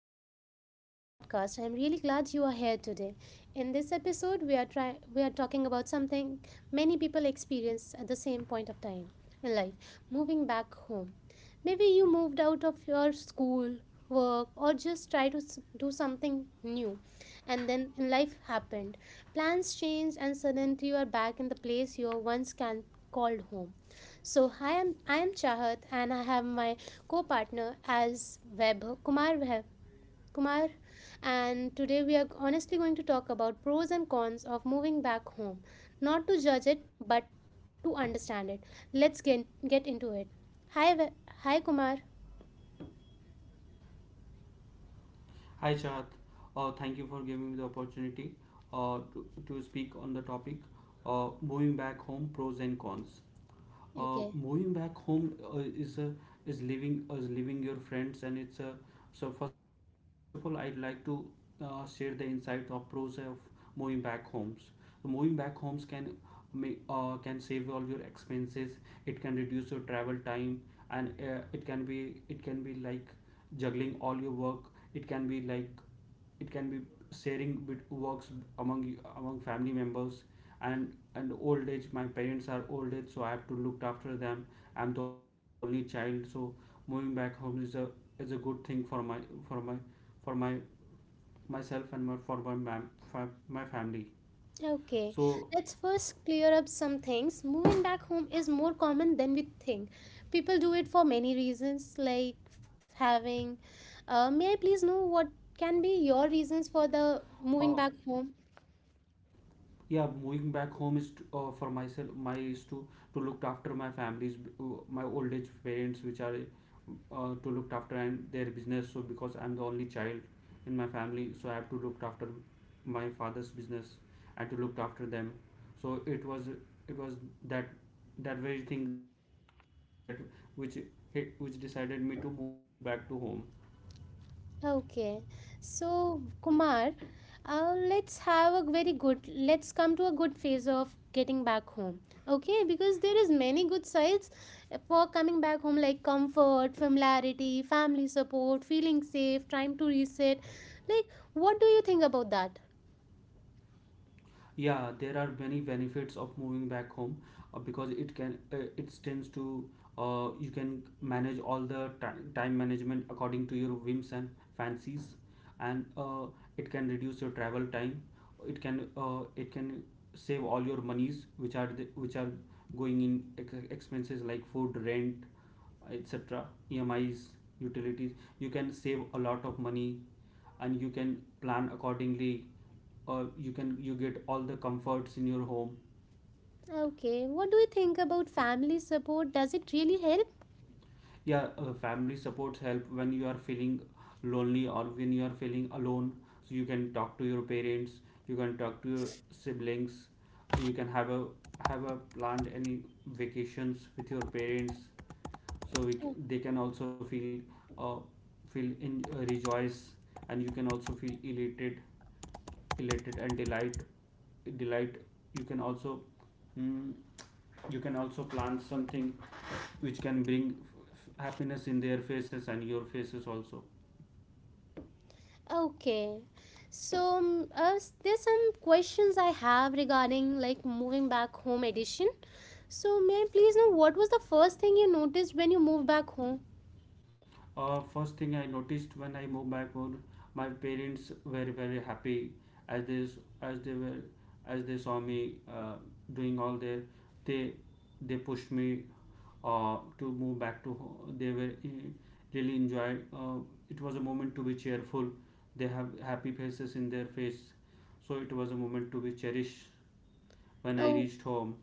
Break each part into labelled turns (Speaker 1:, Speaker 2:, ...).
Speaker 1: and welcome back to the podcast. I'm really glad you are here today. In this episode, we are talking about something many people experience at the same point of time in life: moving back home. Maybe you moved out of your school, work, or just try to do something new. And then life happened. Plans changed, and suddenly you are back in the place you once can called home. So hi, I am Chahat, and I have my co-partner as Vaibhav Kumar Vaibhav. Kumar, and today we are honestly going to talk about pros and cons of moving back home. Not to judge it, but to understand it. Let's get into it. Hi, Ve- hi, Kumar.
Speaker 2: Hi, Chad. Thank you for giving me the opportunity to speak on the topic moving back home, pros and cons.
Speaker 1: Okay.
Speaker 2: Moving back home is leaving your friends, and it's so first of all, I'd like to share the insight of pros of moving back homes. So moving back homes can make can save all your expenses, it can reduce your travel time, and it can be, juggling all your work. It can be like it can be sharing with works among family members. And and old age, my parents are old age, so I have to look after them. I'm the only child, so moving back home is a, is a good thing for my for my for my myself and my for my family.
Speaker 1: Okay. Let's
Speaker 2: So
Speaker 1: first clear up some things. Moving back home is more common than we think. People do it for many reasons, like having. May I please know what can be your reasons for the moving back home?
Speaker 2: uh, yeah, moving back home is to, for myself, my is to look after my families, my old age parents, which are to look after, and their business. So, because I'm the only child in my family, so I have to look after my father's business and to look after them. So it was, it was that that very thing, that which hit, which decided me to move back to home.
Speaker 1: Okay, so Kumar, let's have a very good. Let's come to a good phase of getting back home. Okay, because there is many good sides for coming back home, like comfort, familiarity, family support, feeling safe, time to reset. Like, what do you think about that?
Speaker 2: Yeah, there are many benefits of moving back home, because it tends to, you can manage all the time management according to your whims and fancies, and it can reduce your travel time. It can save all your monies, which are the, which are going in expenses like food, rent, etc., EMIs, utilities. You can save a lot of money and you can plan accordingly. Or you can, you get all the comforts in your home.
Speaker 1: Okay, what do you think about family support? Does it really help?
Speaker 2: Yeah, family supports help when you are feeling lonely, or when you are feeling alone. So you can talk to your parents, you can talk to your siblings. You can have a, have a planned any vacations with your parents, so they can also feel uh, feel in rejoice, and you can also feel elated and delight. You can also mm, you can also plant something which can bring happiness in their faces and your faces also.
Speaker 1: Okay. So, there's some questions I have regarding like moving back home edition. So, may I please know what was the first thing you noticed when you moved back home?
Speaker 2: First thing I noticed when I moved back home, my parents were very happy. As they were, as they saw me doing all their, they they pushed me to move back to home. They were really enjoyed. It was a moment to be cheerful. They have happy faces in their face, so it was a moment to be cherished. When I
Speaker 1: Oh,
Speaker 2: reached home,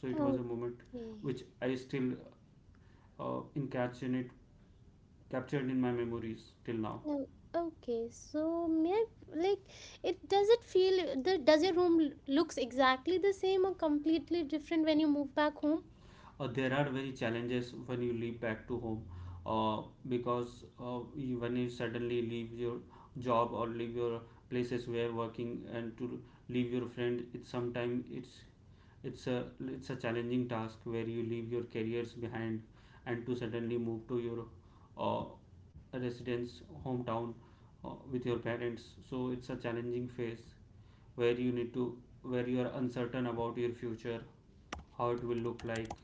Speaker 2: so it was a moment
Speaker 1: okay.
Speaker 2: which I still encapsulate, captured in my memories till now.
Speaker 1: Oh, okay. So, may I like it does it feel the does your room looks exactly the same or completely different when you move back home?
Speaker 2: There are very challenges when you leave back to home, because you, when you suddenly leave your job or leave your places where working, and to leave your friend, it's sometimes, it's a it's a challenging task where you leave your careers behind, and to suddenly move to your uh, residence hometown, with your parents. So it's a challenging phase where you need to, where you are uncertain about your future, how it will look like.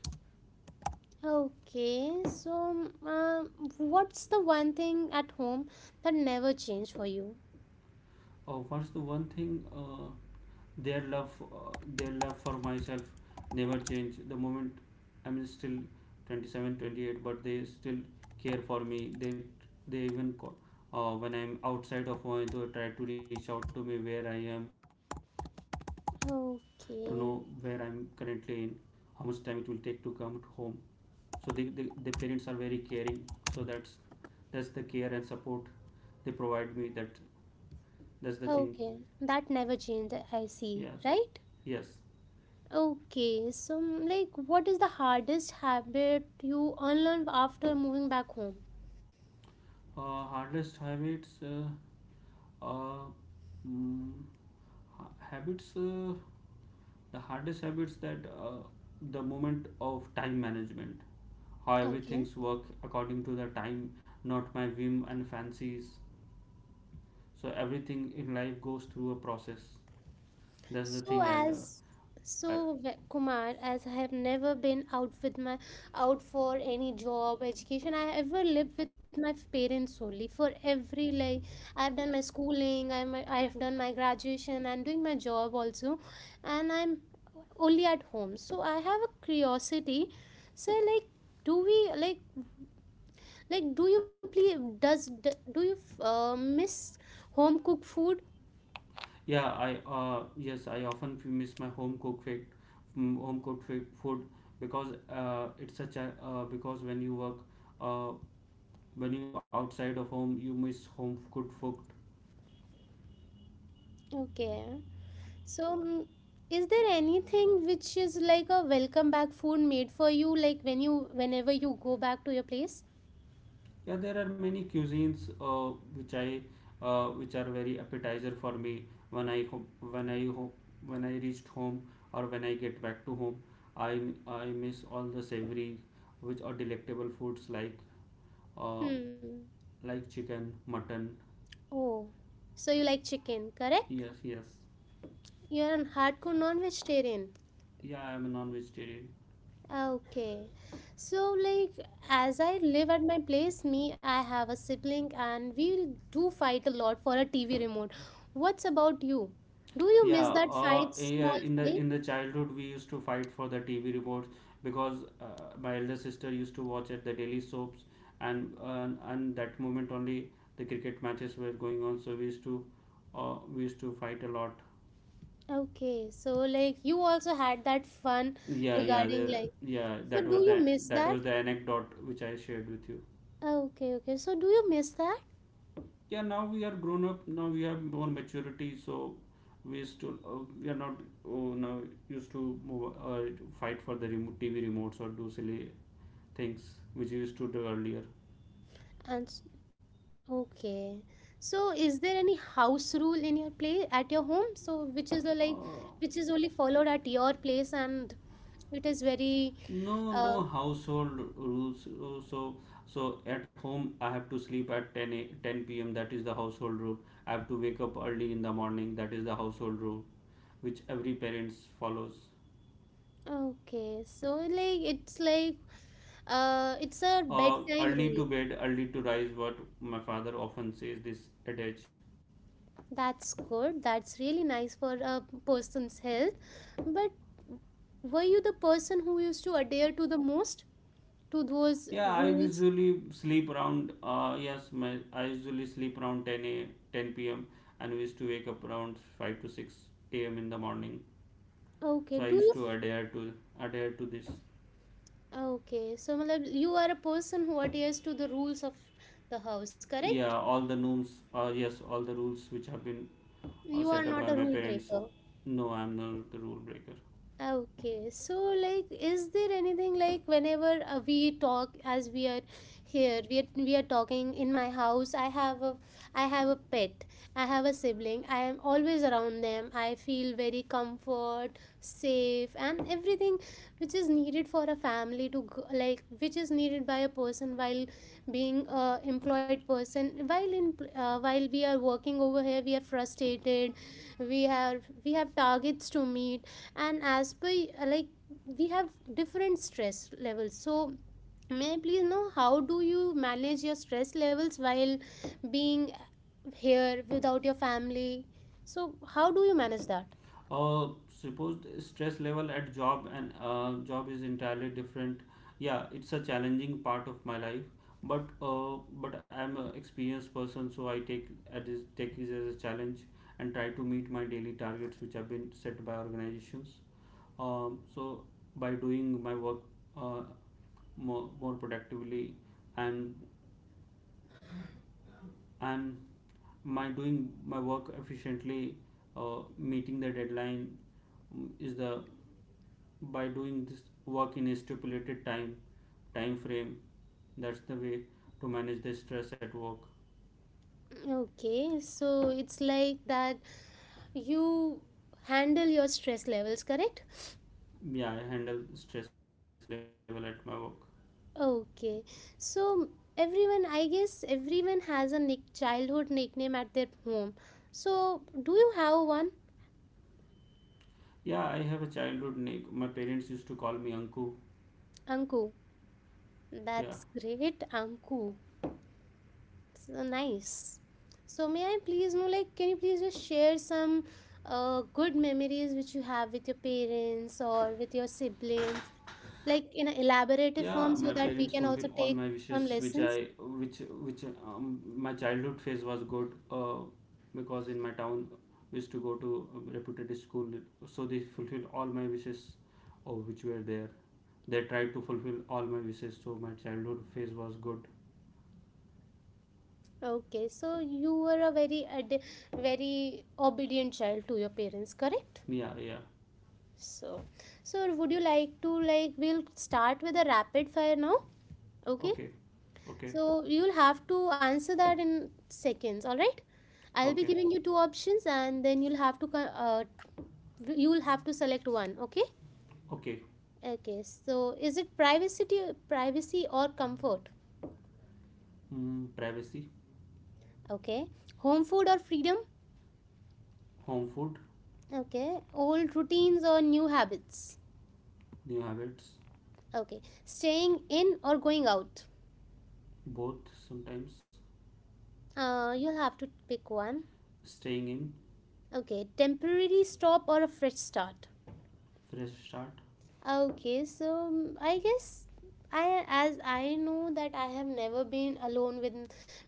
Speaker 1: Okay. So, what's the one thing at home that never changed for you?
Speaker 2: First, one thing, their love for myself never change. The moment, I'm still 27, 28, but they still care for me. They even call, when I'm outside of Ohio, they try to reach out to me, where I am, to know where I'm currently in,
Speaker 1: Okay,
Speaker 2: how much time it will take to come home. So their parents are very caring. So that's the care and support they provide me. That's the thing.
Speaker 1: okay, that never changed, I see,
Speaker 2: Yes,
Speaker 1: right?
Speaker 2: yes.
Speaker 1: Okay, so like, what is the hardest habit you unlearn after moving back home?
Speaker 2: Hardest habits uh, mm, ha- habits The hardest habits, that the moment of time management, how
Speaker 1: Okay.
Speaker 2: everything's work according to the time, not my whim and fancies. So everything in life goes through a process. That's the
Speaker 1: So
Speaker 2: thing
Speaker 1: as
Speaker 2: I,
Speaker 1: so, Kumar, as I have never been out with my out for any job, education, I ever lived with my parents only for every like I have done my schooling, I have done my graduation, I'm doing my job also, and I'm only at home. So I have a curiosity. So like, do we like do you please does do you miss home cooked food?
Speaker 2: yeah, I yes, I often miss my home cooked food. Home cooked food, because it's such a because when you work, uh, when you outside of home, you miss home good food.
Speaker 1: Okay. So, is there anything which is like a welcome back food made for you, like whenever you go back to your place?
Speaker 2: Yeah, there are many cuisines which I, which are very appetizer for me, when when i ho- I reached home, or when I get back to home, i I miss all the savory, which are delectable foods like, uh,
Speaker 1: Hmm.
Speaker 2: like chicken, mutton.
Speaker 1: Oh, so you like chicken, correct?
Speaker 2: Yes, yes.
Speaker 1: You're a hardcore non-vegetarian.
Speaker 2: Yeah, I am a non vegetarian.
Speaker 1: Okay. So like, as I live at my place, I have a sibling and we do fight a lot for a TV remote. What's about you? Do you miss that fight,
Speaker 2: Yeah,
Speaker 1: small
Speaker 2: in the
Speaker 1: fight?
Speaker 2: in the childhood, we used to fight for the TV remotes, because my elder sister used to watch at the daily soaps, and and that moment only, the cricket matches were going on, so we used to fight a lot.
Speaker 1: Okay, so like you also had that fun
Speaker 2: Yeah, yeah,
Speaker 1: regarding
Speaker 2: the,
Speaker 1: like,
Speaker 2: yeah,
Speaker 1: so
Speaker 2: that
Speaker 1: do
Speaker 2: was
Speaker 1: you
Speaker 2: the
Speaker 1: miss
Speaker 2: That
Speaker 1: that?
Speaker 2: was the anecdote which I shared with you.
Speaker 1: Oh, okay, okay. So do you miss that?
Speaker 2: Yeah, now we are grown up, now we have more maturity, so we still, we are not, oh, now used to fight for the remote, TV remotes, or do silly things which we used to do earlier.
Speaker 1: Okay. So is there any house rule in your place at your home? So like
Speaker 2: uh,
Speaker 1: which is only followed at your place and it is very
Speaker 2: no,
Speaker 1: uh
Speaker 2: no household rules. So at home, I have to sleep at 10 p.m., that is the household rule. I have to wake up early in the morning, that is the household rule, which every parents follows.
Speaker 1: okay. So like it's a bedtime
Speaker 2: Early to
Speaker 1: rule.
Speaker 2: bed, early to rise, what my father often says this adage.
Speaker 1: That's good. That's really nice for a person's health. But were you the person who used to adhere to the most to those
Speaker 2: Yeah, I
Speaker 1: rules?
Speaker 2: usually sleep around, I usually sleep around 10 p.m., and we used to wake up around 5 to 6 a.m. in the morning. So
Speaker 1: Okay,
Speaker 2: I
Speaker 1: do
Speaker 2: used
Speaker 1: you?
Speaker 2: to adhere to adhere to this.
Speaker 1: Okay, so matlab, you are a person who adheres to the rules of the house, correct?
Speaker 2: Yes, all the rules which have been
Speaker 1: You are
Speaker 2: set up
Speaker 1: not
Speaker 2: by
Speaker 1: a
Speaker 2: my
Speaker 1: rule
Speaker 2: parents.
Speaker 1: breaker.
Speaker 2: No, I'm not the rule breaker.
Speaker 1: Okay, so like, is there anything like whenever we talk? As we are here, we are talking in my house. I have a pet. I have a sibling. I am always around them. I feel very comfort, safe, and everything which is needed for a family to go, like which is needed by a person while being a employed person. While we are working over here, we are frustrated. We have targets to meet, and as per like, we have different stress levels. So may I please know how do you manage your stress levels while being here without your family? So how do you manage that?
Speaker 2: Suppose the stress level at job, and job is entirely different. Yeah, it's a challenging part of my life, but I'm an experienced person, so I take at this take it as a challenge, and try to meet my daily targets, which have been set by organizations. So by doing my work uh, more, more productively, and and my doing my work efficiently, meeting the deadline, mm, is the by doing this work in a stipulated time frame, that's the way to manage the stress at work.
Speaker 1: Okay, so it's like that you handle your stress levels, correct?
Speaker 2: Yeah, I handle stress level at my work.
Speaker 1: Okay, so everyone, I guess, everyone has a nick childhood nickname at their home. So do you have one?
Speaker 2: Yeah, I have a childhood name, my parents used to call me uncle.
Speaker 1: Anku.
Speaker 2: Yeah,
Speaker 1: That's great, Anku. So nice. So may I please know, like, can you please just share some good memories which you have with your parents or with your siblings, like in an
Speaker 2: yeah. My parents
Speaker 1: elaborative form,
Speaker 2: fulfill
Speaker 1: so
Speaker 2: all
Speaker 1: that
Speaker 2: my
Speaker 1: we can also
Speaker 2: wishes,
Speaker 1: take
Speaker 2: which I,
Speaker 1: some
Speaker 2: which
Speaker 1: lessons?
Speaker 2: which my childhood phase was good, because in my town we used to go to a reputed school, so they fulfill all my wishes, or which were there, they tried to fulfill all my wishes, so my childhood phase was good.
Speaker 1: Okay, so you were a very obedient child to your parents, correct?
Speaker 2: Yeah, yeah.
Speaker 1: So, would you like to, we'll start with a rapid fire now? Okay.
Speaker 2: Okay, okay.
Speaker 1: So you'll have to answer that in seconds, all right? I'll be
Speaker 2: Okay,
Speaker 1: giving you two options and then you'll have to uh, you'll have to select one, okay?
Speaker 2: okay.
Speaker 1: Okay. So is it privacy or comfort?
Speaker 2: Privacy.
Speaker 1: Okay. Home food or freedom?
Speaker 2: Home food.
Speaker 1: Okay. Old routines or new habits?
Speaker 2: New habits.
Speaker 1: Okay. Staying in or going out?
Speaker 2: Both sometimes.
Speaker 1: You'll have to pick one.
Speaker 2: Staying in.
Speaker 1: Okay. Temporary stop or a fresh start?
Speaker 2: Fresh start.
Speaker 1: Okay, so I guess, I know that I have never been alone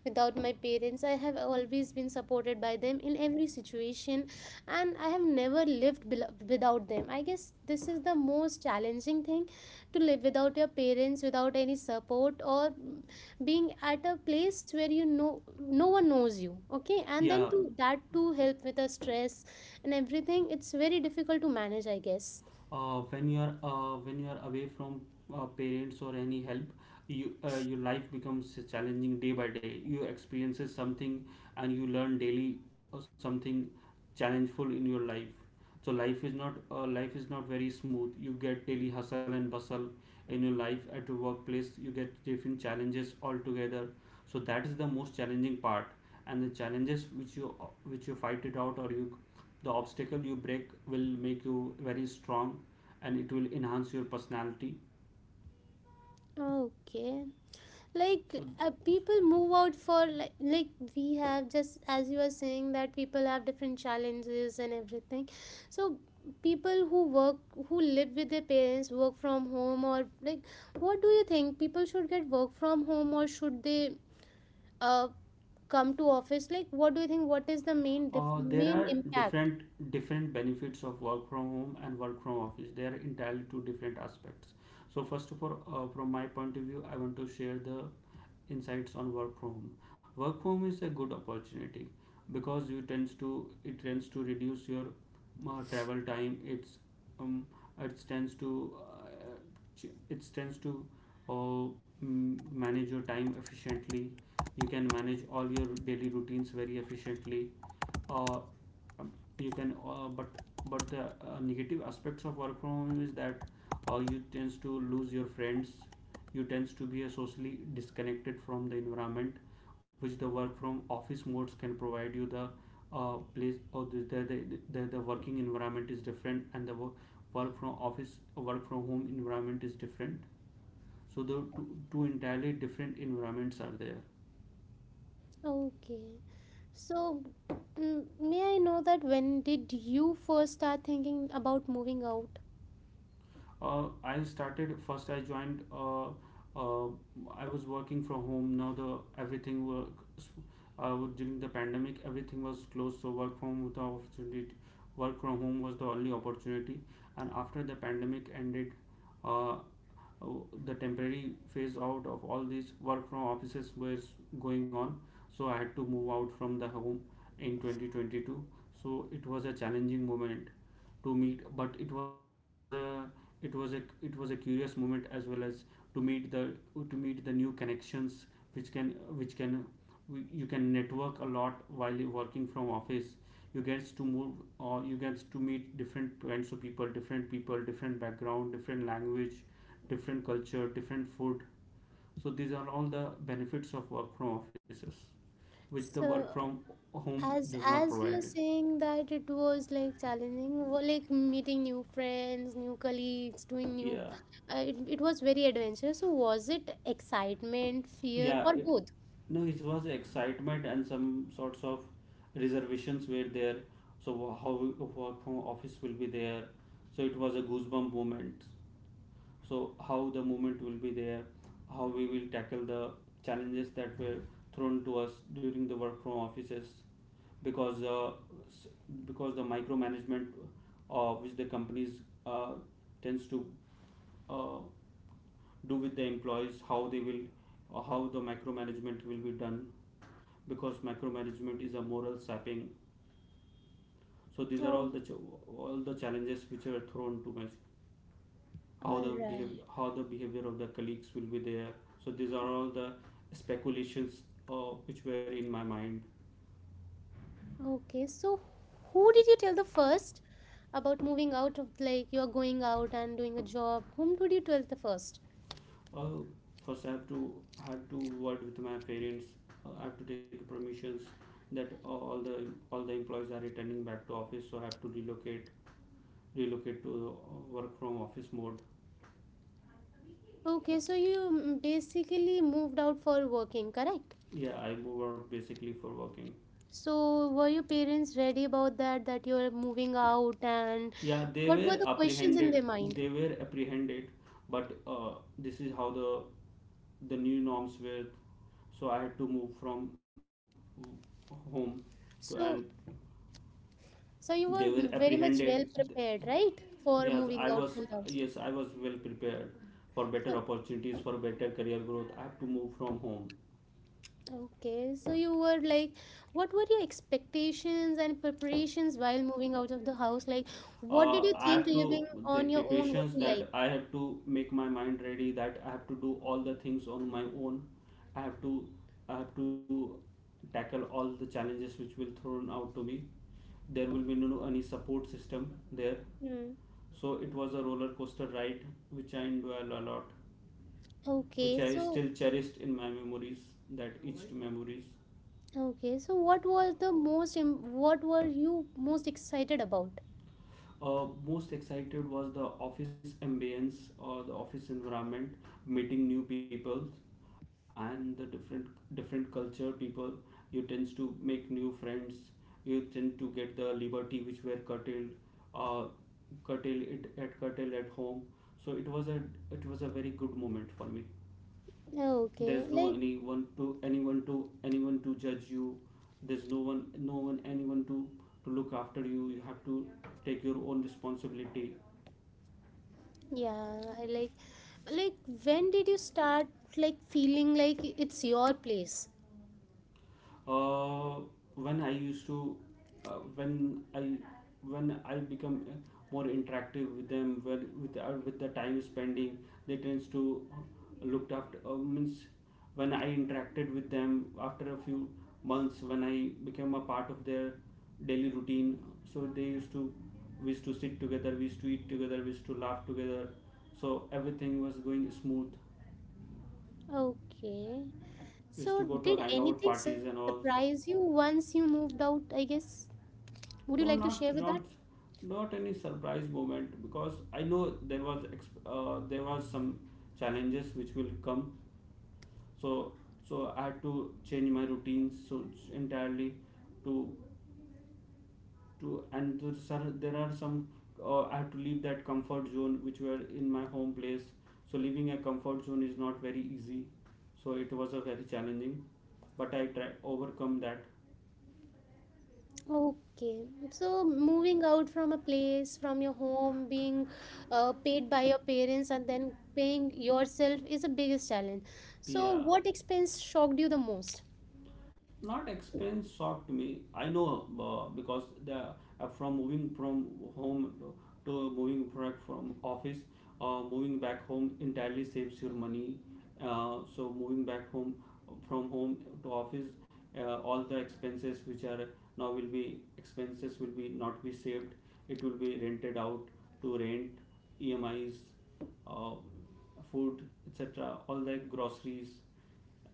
Speaker 1: without my parents. I have always been supported by them in every situation and I have never lived without them. I guess this is the most challenging thing to live without your parents, without any support, or being at a place where you know no one knows you, okay? And
Speaker 2: Yeah.
Speaker 1: then to that to help with the stress and everything. It's very difficult to manage, I guess.
Speaker 2: When you are away from parents or any help, your life becomes challenging day by day, you experiences something, and you learn daily something challengeful in your life. So life is not very smooth, you get daily hustle and bustle in your life, at your workplace you get different challenges altogether. So that is the most challenging part, and the challenges which you, which you fight it out, or you, the obstacle you break, will make you very strong, and it will enhance your personality.
Speaker 1: Okay. Like,
Speaker 2: So
Speaker 1: people move out for, we have just, as you are saying, that people have different challenges and everything. So people who work who live with their parents work from home, or like, what do you think? People should get work from home or should they uh come to office? Like, what do you think? What is the
Speaker 2: There
Speaker 1: main
Speaker 2: are
Speaker 1: impact?
Speaker 2: different benefits of work from home and work from office. They are entirely two different aspects. So first of all, from my point of view, I want to share the insights on work from home. Work from home is a good opportunity, because you tends to it tends to reduce your travel time. Um, it tends to, it tends to uh, manage your time efficiently. You can manage all your daily routines very efficiently, uh, um, you can but the negative aspects of work from home is that you tends to lose your friends, you tends to be a socially disconnected from the environment, which the work from office modes can provide you the place, or the working environment is different, and the work from office, work from home environment is different. So the two entirely different environments are there.
Speaker 1: Okay, so may I know that, when did you first start thinking about moving out?
Speaker 2: I started first. I joined. Uh, I was working from home. Now the everything work During the pandemic, everything was closed, so work from home the opportunity. Work from home was the only opportunity. And after the pandemic ended, uh, uh, the temporary phase out of all these work from offices was going on, so I had to move out from the home in 2022. So it was a challenging moment to meet, but it was a it was a it was a curious moment as well, as to meet the new connections which can which can you can network a lot while you working from office. You get to move or you get to meet different kinds of people, different people, different background, different language, different culture, different food. So these are all the benefits of work from offices, which the
Speaker 1: So,
Speaker 2: work from home
Speaker 1: as
Speaker 2: does not
Speaker 1: as
Speaker 2: provide you.
Speaker 1: you're saying that it was like challenging well, like meeting new friends, new colleagues, doing new
Speaker 2: Yeah,
Speaker 1: it was very adventurous. So was it excitement, fear,
Speaker 2: yeah.
Speaker 1: or
Speaker 2: It
Speaker 1: both?
Speaker 2: No, it was excitement and some sorts of reservations were there. So how work from office will be there. So it was a goosebump moment. So how the moment will be there, how we will tackle the challenges that were thrown to us during the work from offices because uh, s- because the micromanagement which the companies uh, tends to uh, do with the employees, how they will, how the micromanagement will be done, because micromanagement is a moral sapping. So these are all the
Speaker 1: Oh.
Speaker 2: all the challenges which are thrown to us,
Speaker 1: All right.
Speaker 2: how the behavior of the colleagues will be there. So these are all the speculations, which were in my mind.
Speaker 1: Okay, so who did you tell the first about moving out? Of like, you're going out and doing a job, whom did you tell the first?
Speaker 2: Uh, First, I have to had to word with my parents. I have to take permissions that all the employees are returning back to office, so I have to relocate to work from office mode.
Speaker 1: Okay, so you basically moved out for working, correct?
Speaker 2: Yeah, I move out basically for working.
Speaker 1: So, were your parents ready about that, that you're moving out, and
Speaker 2: Yeah, they
Speaker 1: what were
Speaker 2: were
Speaker 1: the questions in
Speaker 2: apprehended.
Speaker 1: their mind?
Speaker 2: They were apprehended, but this is how the new norms were. So I had to move from home to, and
Speaker 1: So, so, you
Speaker 2: they
Speaker 1: were
Speaker 2: were
Speaker 1: very much
Speaker 2: apprehended.
Speaker 1: well prepared, right, for
Speaker 2: Yes, I
Speaker 1: moving
Speaker 2: was
Speaker 1: out from the house.
Speaker 2: yes, I was well prepared for better
Speaker 1: So,
Speaker 2: opportunities, for better career growth. I have to move from home.
Speaker 1: okay, so you were like, what were your expectations and preparations while moving out of the house? Like, what did you
Speaker 2: I
Speaker 1: think
Speaker 2: have to
Speaker 1: living
Speaker 2: The
Speaker 1: on your own would
Speaker 2: preparations
Speaker 1: be like?
Speaker 2: that I have to make my mind ready. That I have to do all the things on my own. I have to I have to tackle all the challenges which will thrown out to me. There will be no no, any support system there,
Speaker 1: Hmm.
Speaker 2: so it was a roller coaster ride which I enjoyed a lot. Which
Speaker 1: Okay,
Speaker 2: I
Speaker 1: so
Speaker 2: still cherished in my memories, that etched memories.
Speaker 1: what was the what were you most excited about?
Speaker 2: Most excited was the office ambience or the office environment, meeting new people and the different culture people. You tends to make new friends. You tend to get the liberty which were curtailed, uh, curtail at home. So it was a very good moment for me.
Speaker 1: Okay,
Speaker 2: There's no
Speaker 1: like,
Speaker 2: anyone to judge you. There's no one no one anyone to look after you. You have to take your own responsibility.
Speaker 1: yeah, I like when did you start, like, feeling like it's your place?
Speaker 2: Uh, when I used to uh, when i when I become more interactive with them, when with the time spending, they tends to looked after, means when I interacted with them after a few months, when I became a part of their daily routine. So they used to we used to sit together, we used to eat together, we used to laugh together. So everything was going smooth.
Speaker 1: Okay.
Speaker 2: We used
Speaker 1: So
Speaker 2: to go to
Speaker 1: did
Speaker 2: hangout
Speaker 1: anything
Speaker 2: parties and all,
Speaker 1: surprise you once you moved out, I guess? Would you like to
Speaker 2: though
Speaker 1: share with that?
Speaker 2: not any surprise moment, because I know there was some challenges which will come. So so I had to change my routines, so entirely, to to and to, sir, there are some, I had to leave that comfort zone which were in my home place. So leaving a comfort zone is not very easy. So it was a very challenging, but I try overcome that.
Speaker 1: Okay. So moving out from a place, from your home, being paid by your parents and then paying yourself is the biggest challenge. So
Speaker 2: Yeah,
Speaker 1: what expense shocked you the most?
Speaker 2: not expense shocked me. I know, because the from moving from home to moving back from office, moving back home entirely saves your money. So moving back home from home to office, all the expenses which are now will be expenses will be not be saved. It will be rented out to rent, emis, uh, food, etc., all the groceries,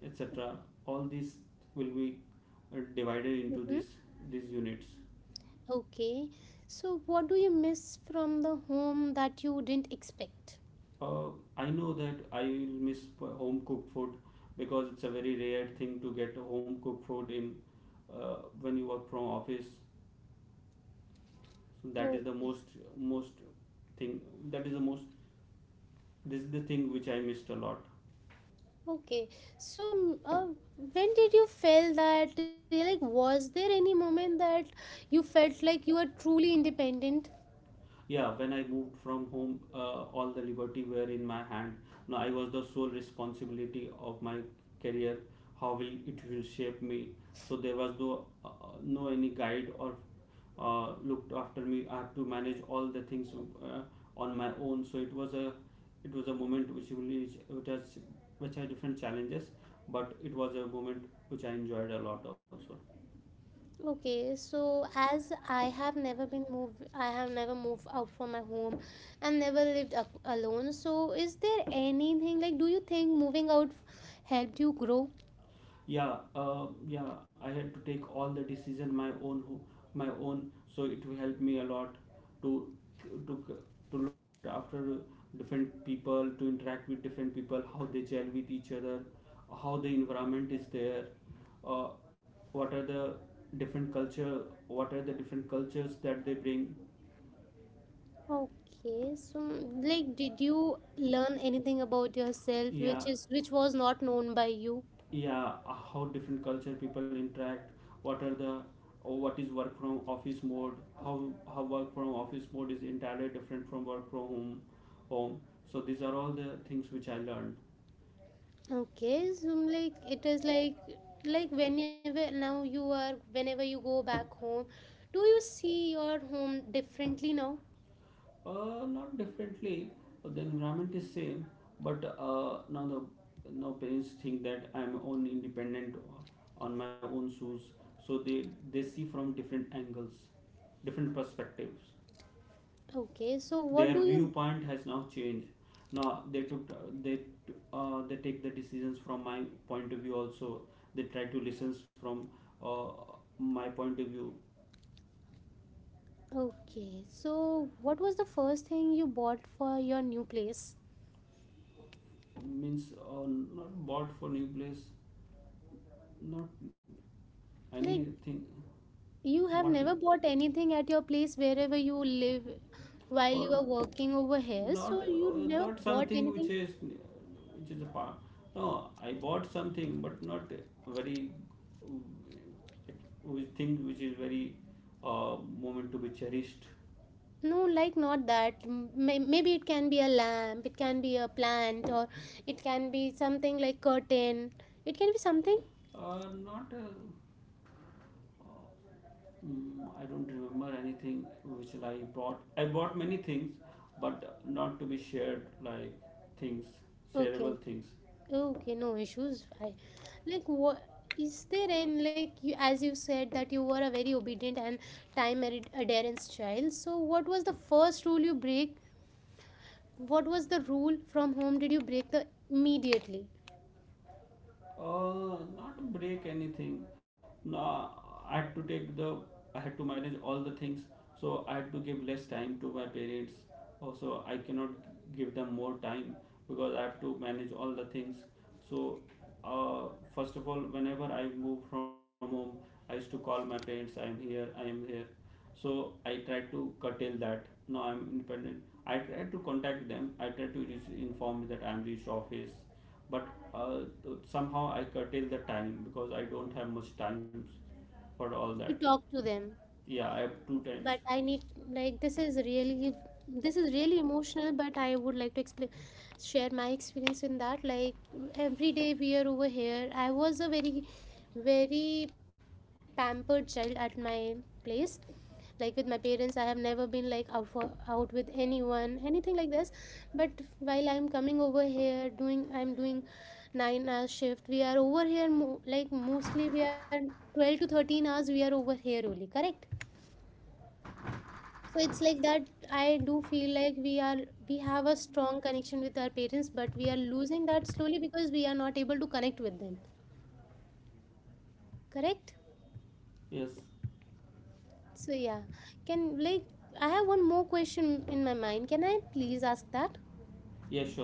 Speaker 2: etc. All these will be divided into this these units.
Speaker 1: Okay, so what do you miss from the home that you didn't expect?
Speaker 2: Uh, I know that I will miss home cooked food, because it's a very rare thing to get a home cooked food in when you work from office. So that is
Speaker 1: Oh.
Speaker 2: the most most thing that is the most this is the thing which I missed a lot.
Speaker 1: Okay, so when did you feel that, like, was there any moment that you felt like you are truly independent?
Speaker 2: Yeah, when I moved from home, all the liberty were in my hand. Now I was the sole responsibility of my career, how will it will shape me. So there was no any guide or looked after me. I had to manage all the things uh, on my own. So it was a moment which really which has different challenges, but it was a moment which I enjoyed a lot also.
Speaker 1: Okay, so as I have never I have never moved out from my home and never lived a alone. So, is there anything like, do you think moving out helped you grow?
Speaker 2: Yeah, I had to take all the decision my own, my own, so it will help me a lot to to to look after different people, to interact with different people, how they gel with each other, how the environment is there, uh, what are the different culture what are the different cultures that they bring.
Speaker 1: Okay, so like did you learn anything about yourself
Speaker 2: Yeah.
Speaker 1: which was not known by you?
Speaker 2: Yeah how different culture people interact, what are the or what is work from office mode, how work from office mode is entirely different from work from home home so these are all the things which I learned.
Speaker 1: Okay, so like it is like whenever, now, you are whenever you go back home, do you see your home differently now?
Speaker 2: Not differently. The environment is same, but now parents think that I'm own independent, on my own shoes. So they see from different angles, different perspectives.
Speaker 1: Okay, so
Speaker 2: Their viewpoint has now changed. Now they took they uh, they take the decisions from my point of view also. They try to listen from uh, my point of view.
Speaker 1: what was the first thing you bought for your new place?
Speaker 2: Means Not bought for new place, not
Speaker 1: Like,
Speaker 2: anything.
Speaker 1: you have
Speaker 2: What
Speaker 1: never bought anything at your place wherever you live while
Speaker 2: or
Speaker 1: you are working over here,
Speaker 2: not
Speaker 1: so you never
Speaker 2: not
Speaker 1: bought
Speaker 2: something which
Speaker 1: anything?
Speaker 2: is a part. No, I bought something, but not very, uh, which thing which is very, uh, moment to be cherished.
Speaker 1: No, like, not that. Maybe it can be a lamp, it can be a plant, or it can be something like curtain. It can be something.
Speaker 2: Not mm, I don't remember anything which I bought. I bought many things, but not to be shared, like things
Speaker 1: Okay,
Speaker 2: shareable
Speaker 1: okay,
Speaker 2: things.
Speaker 1: okay. No issues. I like, what, is there any, like, you as you said that you were a very obedient and time adherence child. What was the rule from home? Did you break the immediately?
Speaker 2: Not break anything. No, I had to take the. I had to manage all the things, so I had to give less time to my parents. Also, I cannot give them more time because I have to manage all the things. So, uh, first of all, whenever I move from home, I used to call my parents. I am here. I am here. So I tried to curtail that. Now I'm independent. I tried to contact them. I tried to reach, inform that I'm reached office, but uh, somehow I curtail the time because I don't have much time for all that.
Speaker 1: You talk to them.
Speaker 2: Yeah, I have two times.
Speaker 1: But I need, like, this is really emotional, but I would like to explain share my experience in that. Like, every day we are over here. I was a very, very pampered child at my place, like with my parents. I have never been like out with anyone, anything like this. But while I'm coming over here, doing I'm doing 9-hour shift, we are over here like, mostly we are 12 to 13 hours, we are over here only, correct? So it's like that I do feel like we have a strong connection with our parents, but we are losing that slowly because we are not able to connect with them, correct?
Speaker 2: Yes.
Speaker 1: So, yeah. can Like, I have one more question in my mind, can I please ask that?
Speaker 2: Yeah, sure.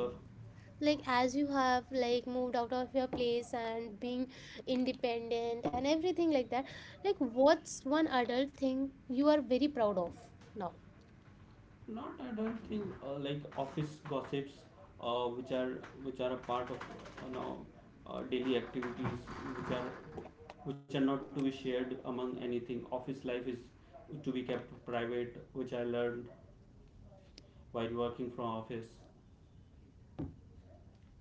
Speaker 1: Like, as you have, like, moved out of your place and being independent and everything like that, like, what's one adult thing you are very proud of now?
Speaker 2: Not, I don't think. Like office gossips, uh, which are which are a part of, you know daily activities, which are which are not to be shared among anything. Office life is to be kept private, which I learned while working from office.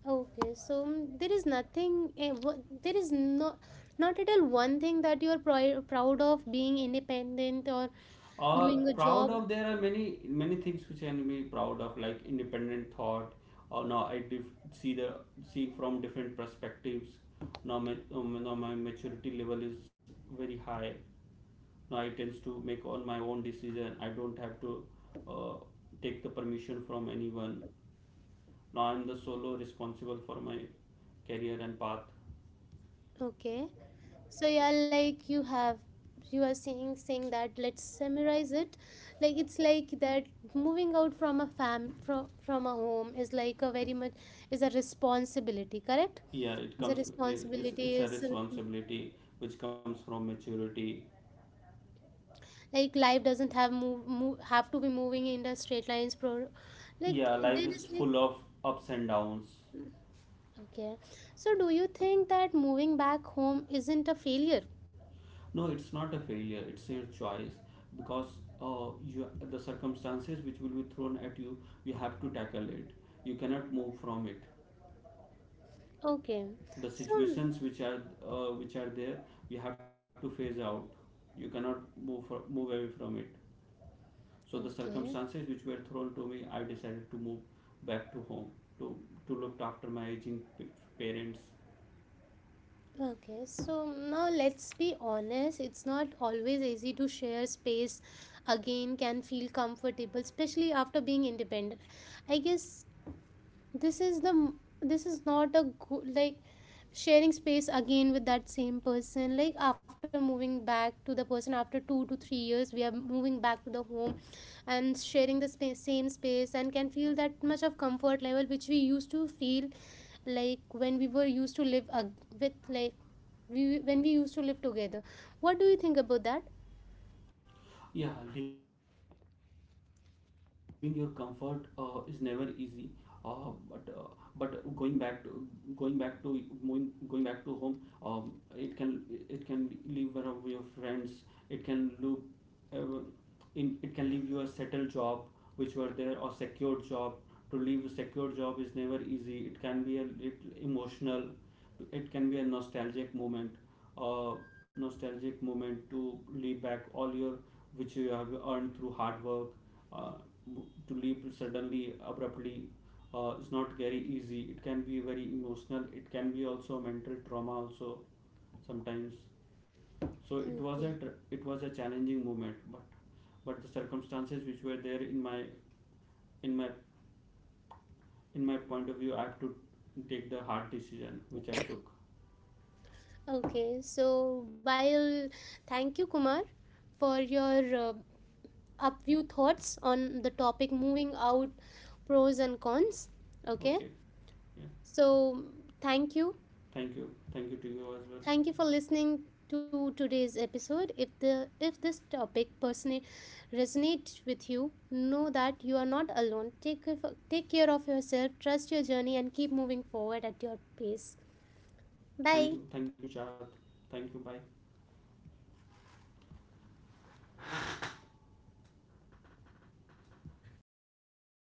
Speaker 1: Okay, so there is nothing? Eh, there is no, not at all one thing that you are proud of, being independent or doing a job?
Speaker 2: Proud of There are many things which I can be proud of, like independent thought. Or now I see from different perspectives. Now my maturity level is very high. Now I tends to make on my own decision. I don't have to uh, take the permission from anyone. Now I'm the solo responsible for my career and path.
Speaker 1: Okay, so yeah, like, you are saying that. Let's summarize it. Like, it's like that moving out from a fam from a home is like a very much is a responsibility. Correct?
Speaker 2: Yeah, it
Speaker 1: Is a
Speaker 2: comes. It's
Speaker 1: responsibility,
Speaker 2: it's a
Speaker 1: is
Speaker 2: responsibility which comes from maturity.
Speaker 1: like life doesn't have move have to be moving in the straight lines, pro like,
Speaker 2: Yeah, life
Speaker 1: there
Speaker 2: is
Speaker 1: is like,
Speaker 2: full of ups and downs.
Speaker 1: okay. So do you think that moving back home isn't a failure?
Speaker 2: No, it's not a failure. It's your choice, because you the circumstances which will be thrown at you, you have to tackle it. You cannot move from it.
Speaker 1: Okay,
Speaker 2: The
Speaker 1: so
Speaker 2: situations which are there, you have to phase out. You cannot move away from it. So the
Speaker 1: okay
Speaker 2: circumstances which were thrown to me, I decided to move back to home to look after my aging parents.
Speaker 1: now let's be honest. It's not always easy to share space again, can feel comfortable especially after being independent, I guess. This is the m- this is not a good, like, sharing space again with that same person, like after moving back to the person after 2 to 3 years, we are moving back to the home and sharing the space, same space, and can feel that much of comfort level which we used to feel, like when we were used to live with, like, we when we used to live together. What do you think about that?
Speaker 2: Yeah, leaving your comfort is never easy, uh, but uh, but going back to home, um, it can it can leave one of your friends. It can look, uh, in it can leave you a settled job which were there, or secured job. To leave a secure job is never easy. It can be a little emotional, it can be a nostalgic moment to leave back all your, which you have earned through hard work. Uh, to leave suddenly, abruptly, is not very easy. It can be very emotional. It can be also mental trauma also sometimes. So
Speaker 1: Okay,
Speaker 2: it was a challenging moment, but the circumstances which were there in my in my point of view, I have to take the hard decision which I took.
Speaker 1: okay. So while, thank you, Kumar, for your up few thoughts on the topic moving out, pros and cons. Okay,
Speaker 2: Okay.
Speaker 1: so thank you.
Speaker 2: Thank you. Thank you to you as well.
Speaker 1: Thank you for listening to today's episode. If the if this topic person resonates with you, know that you are not alone. Take care of yourself, trust your journey, and keep moving forward at your pace.
Speaker 2: Thank you.
Speaker 1: Bye.
Speaker 2: Thank you, Chad. Thank you. Bye.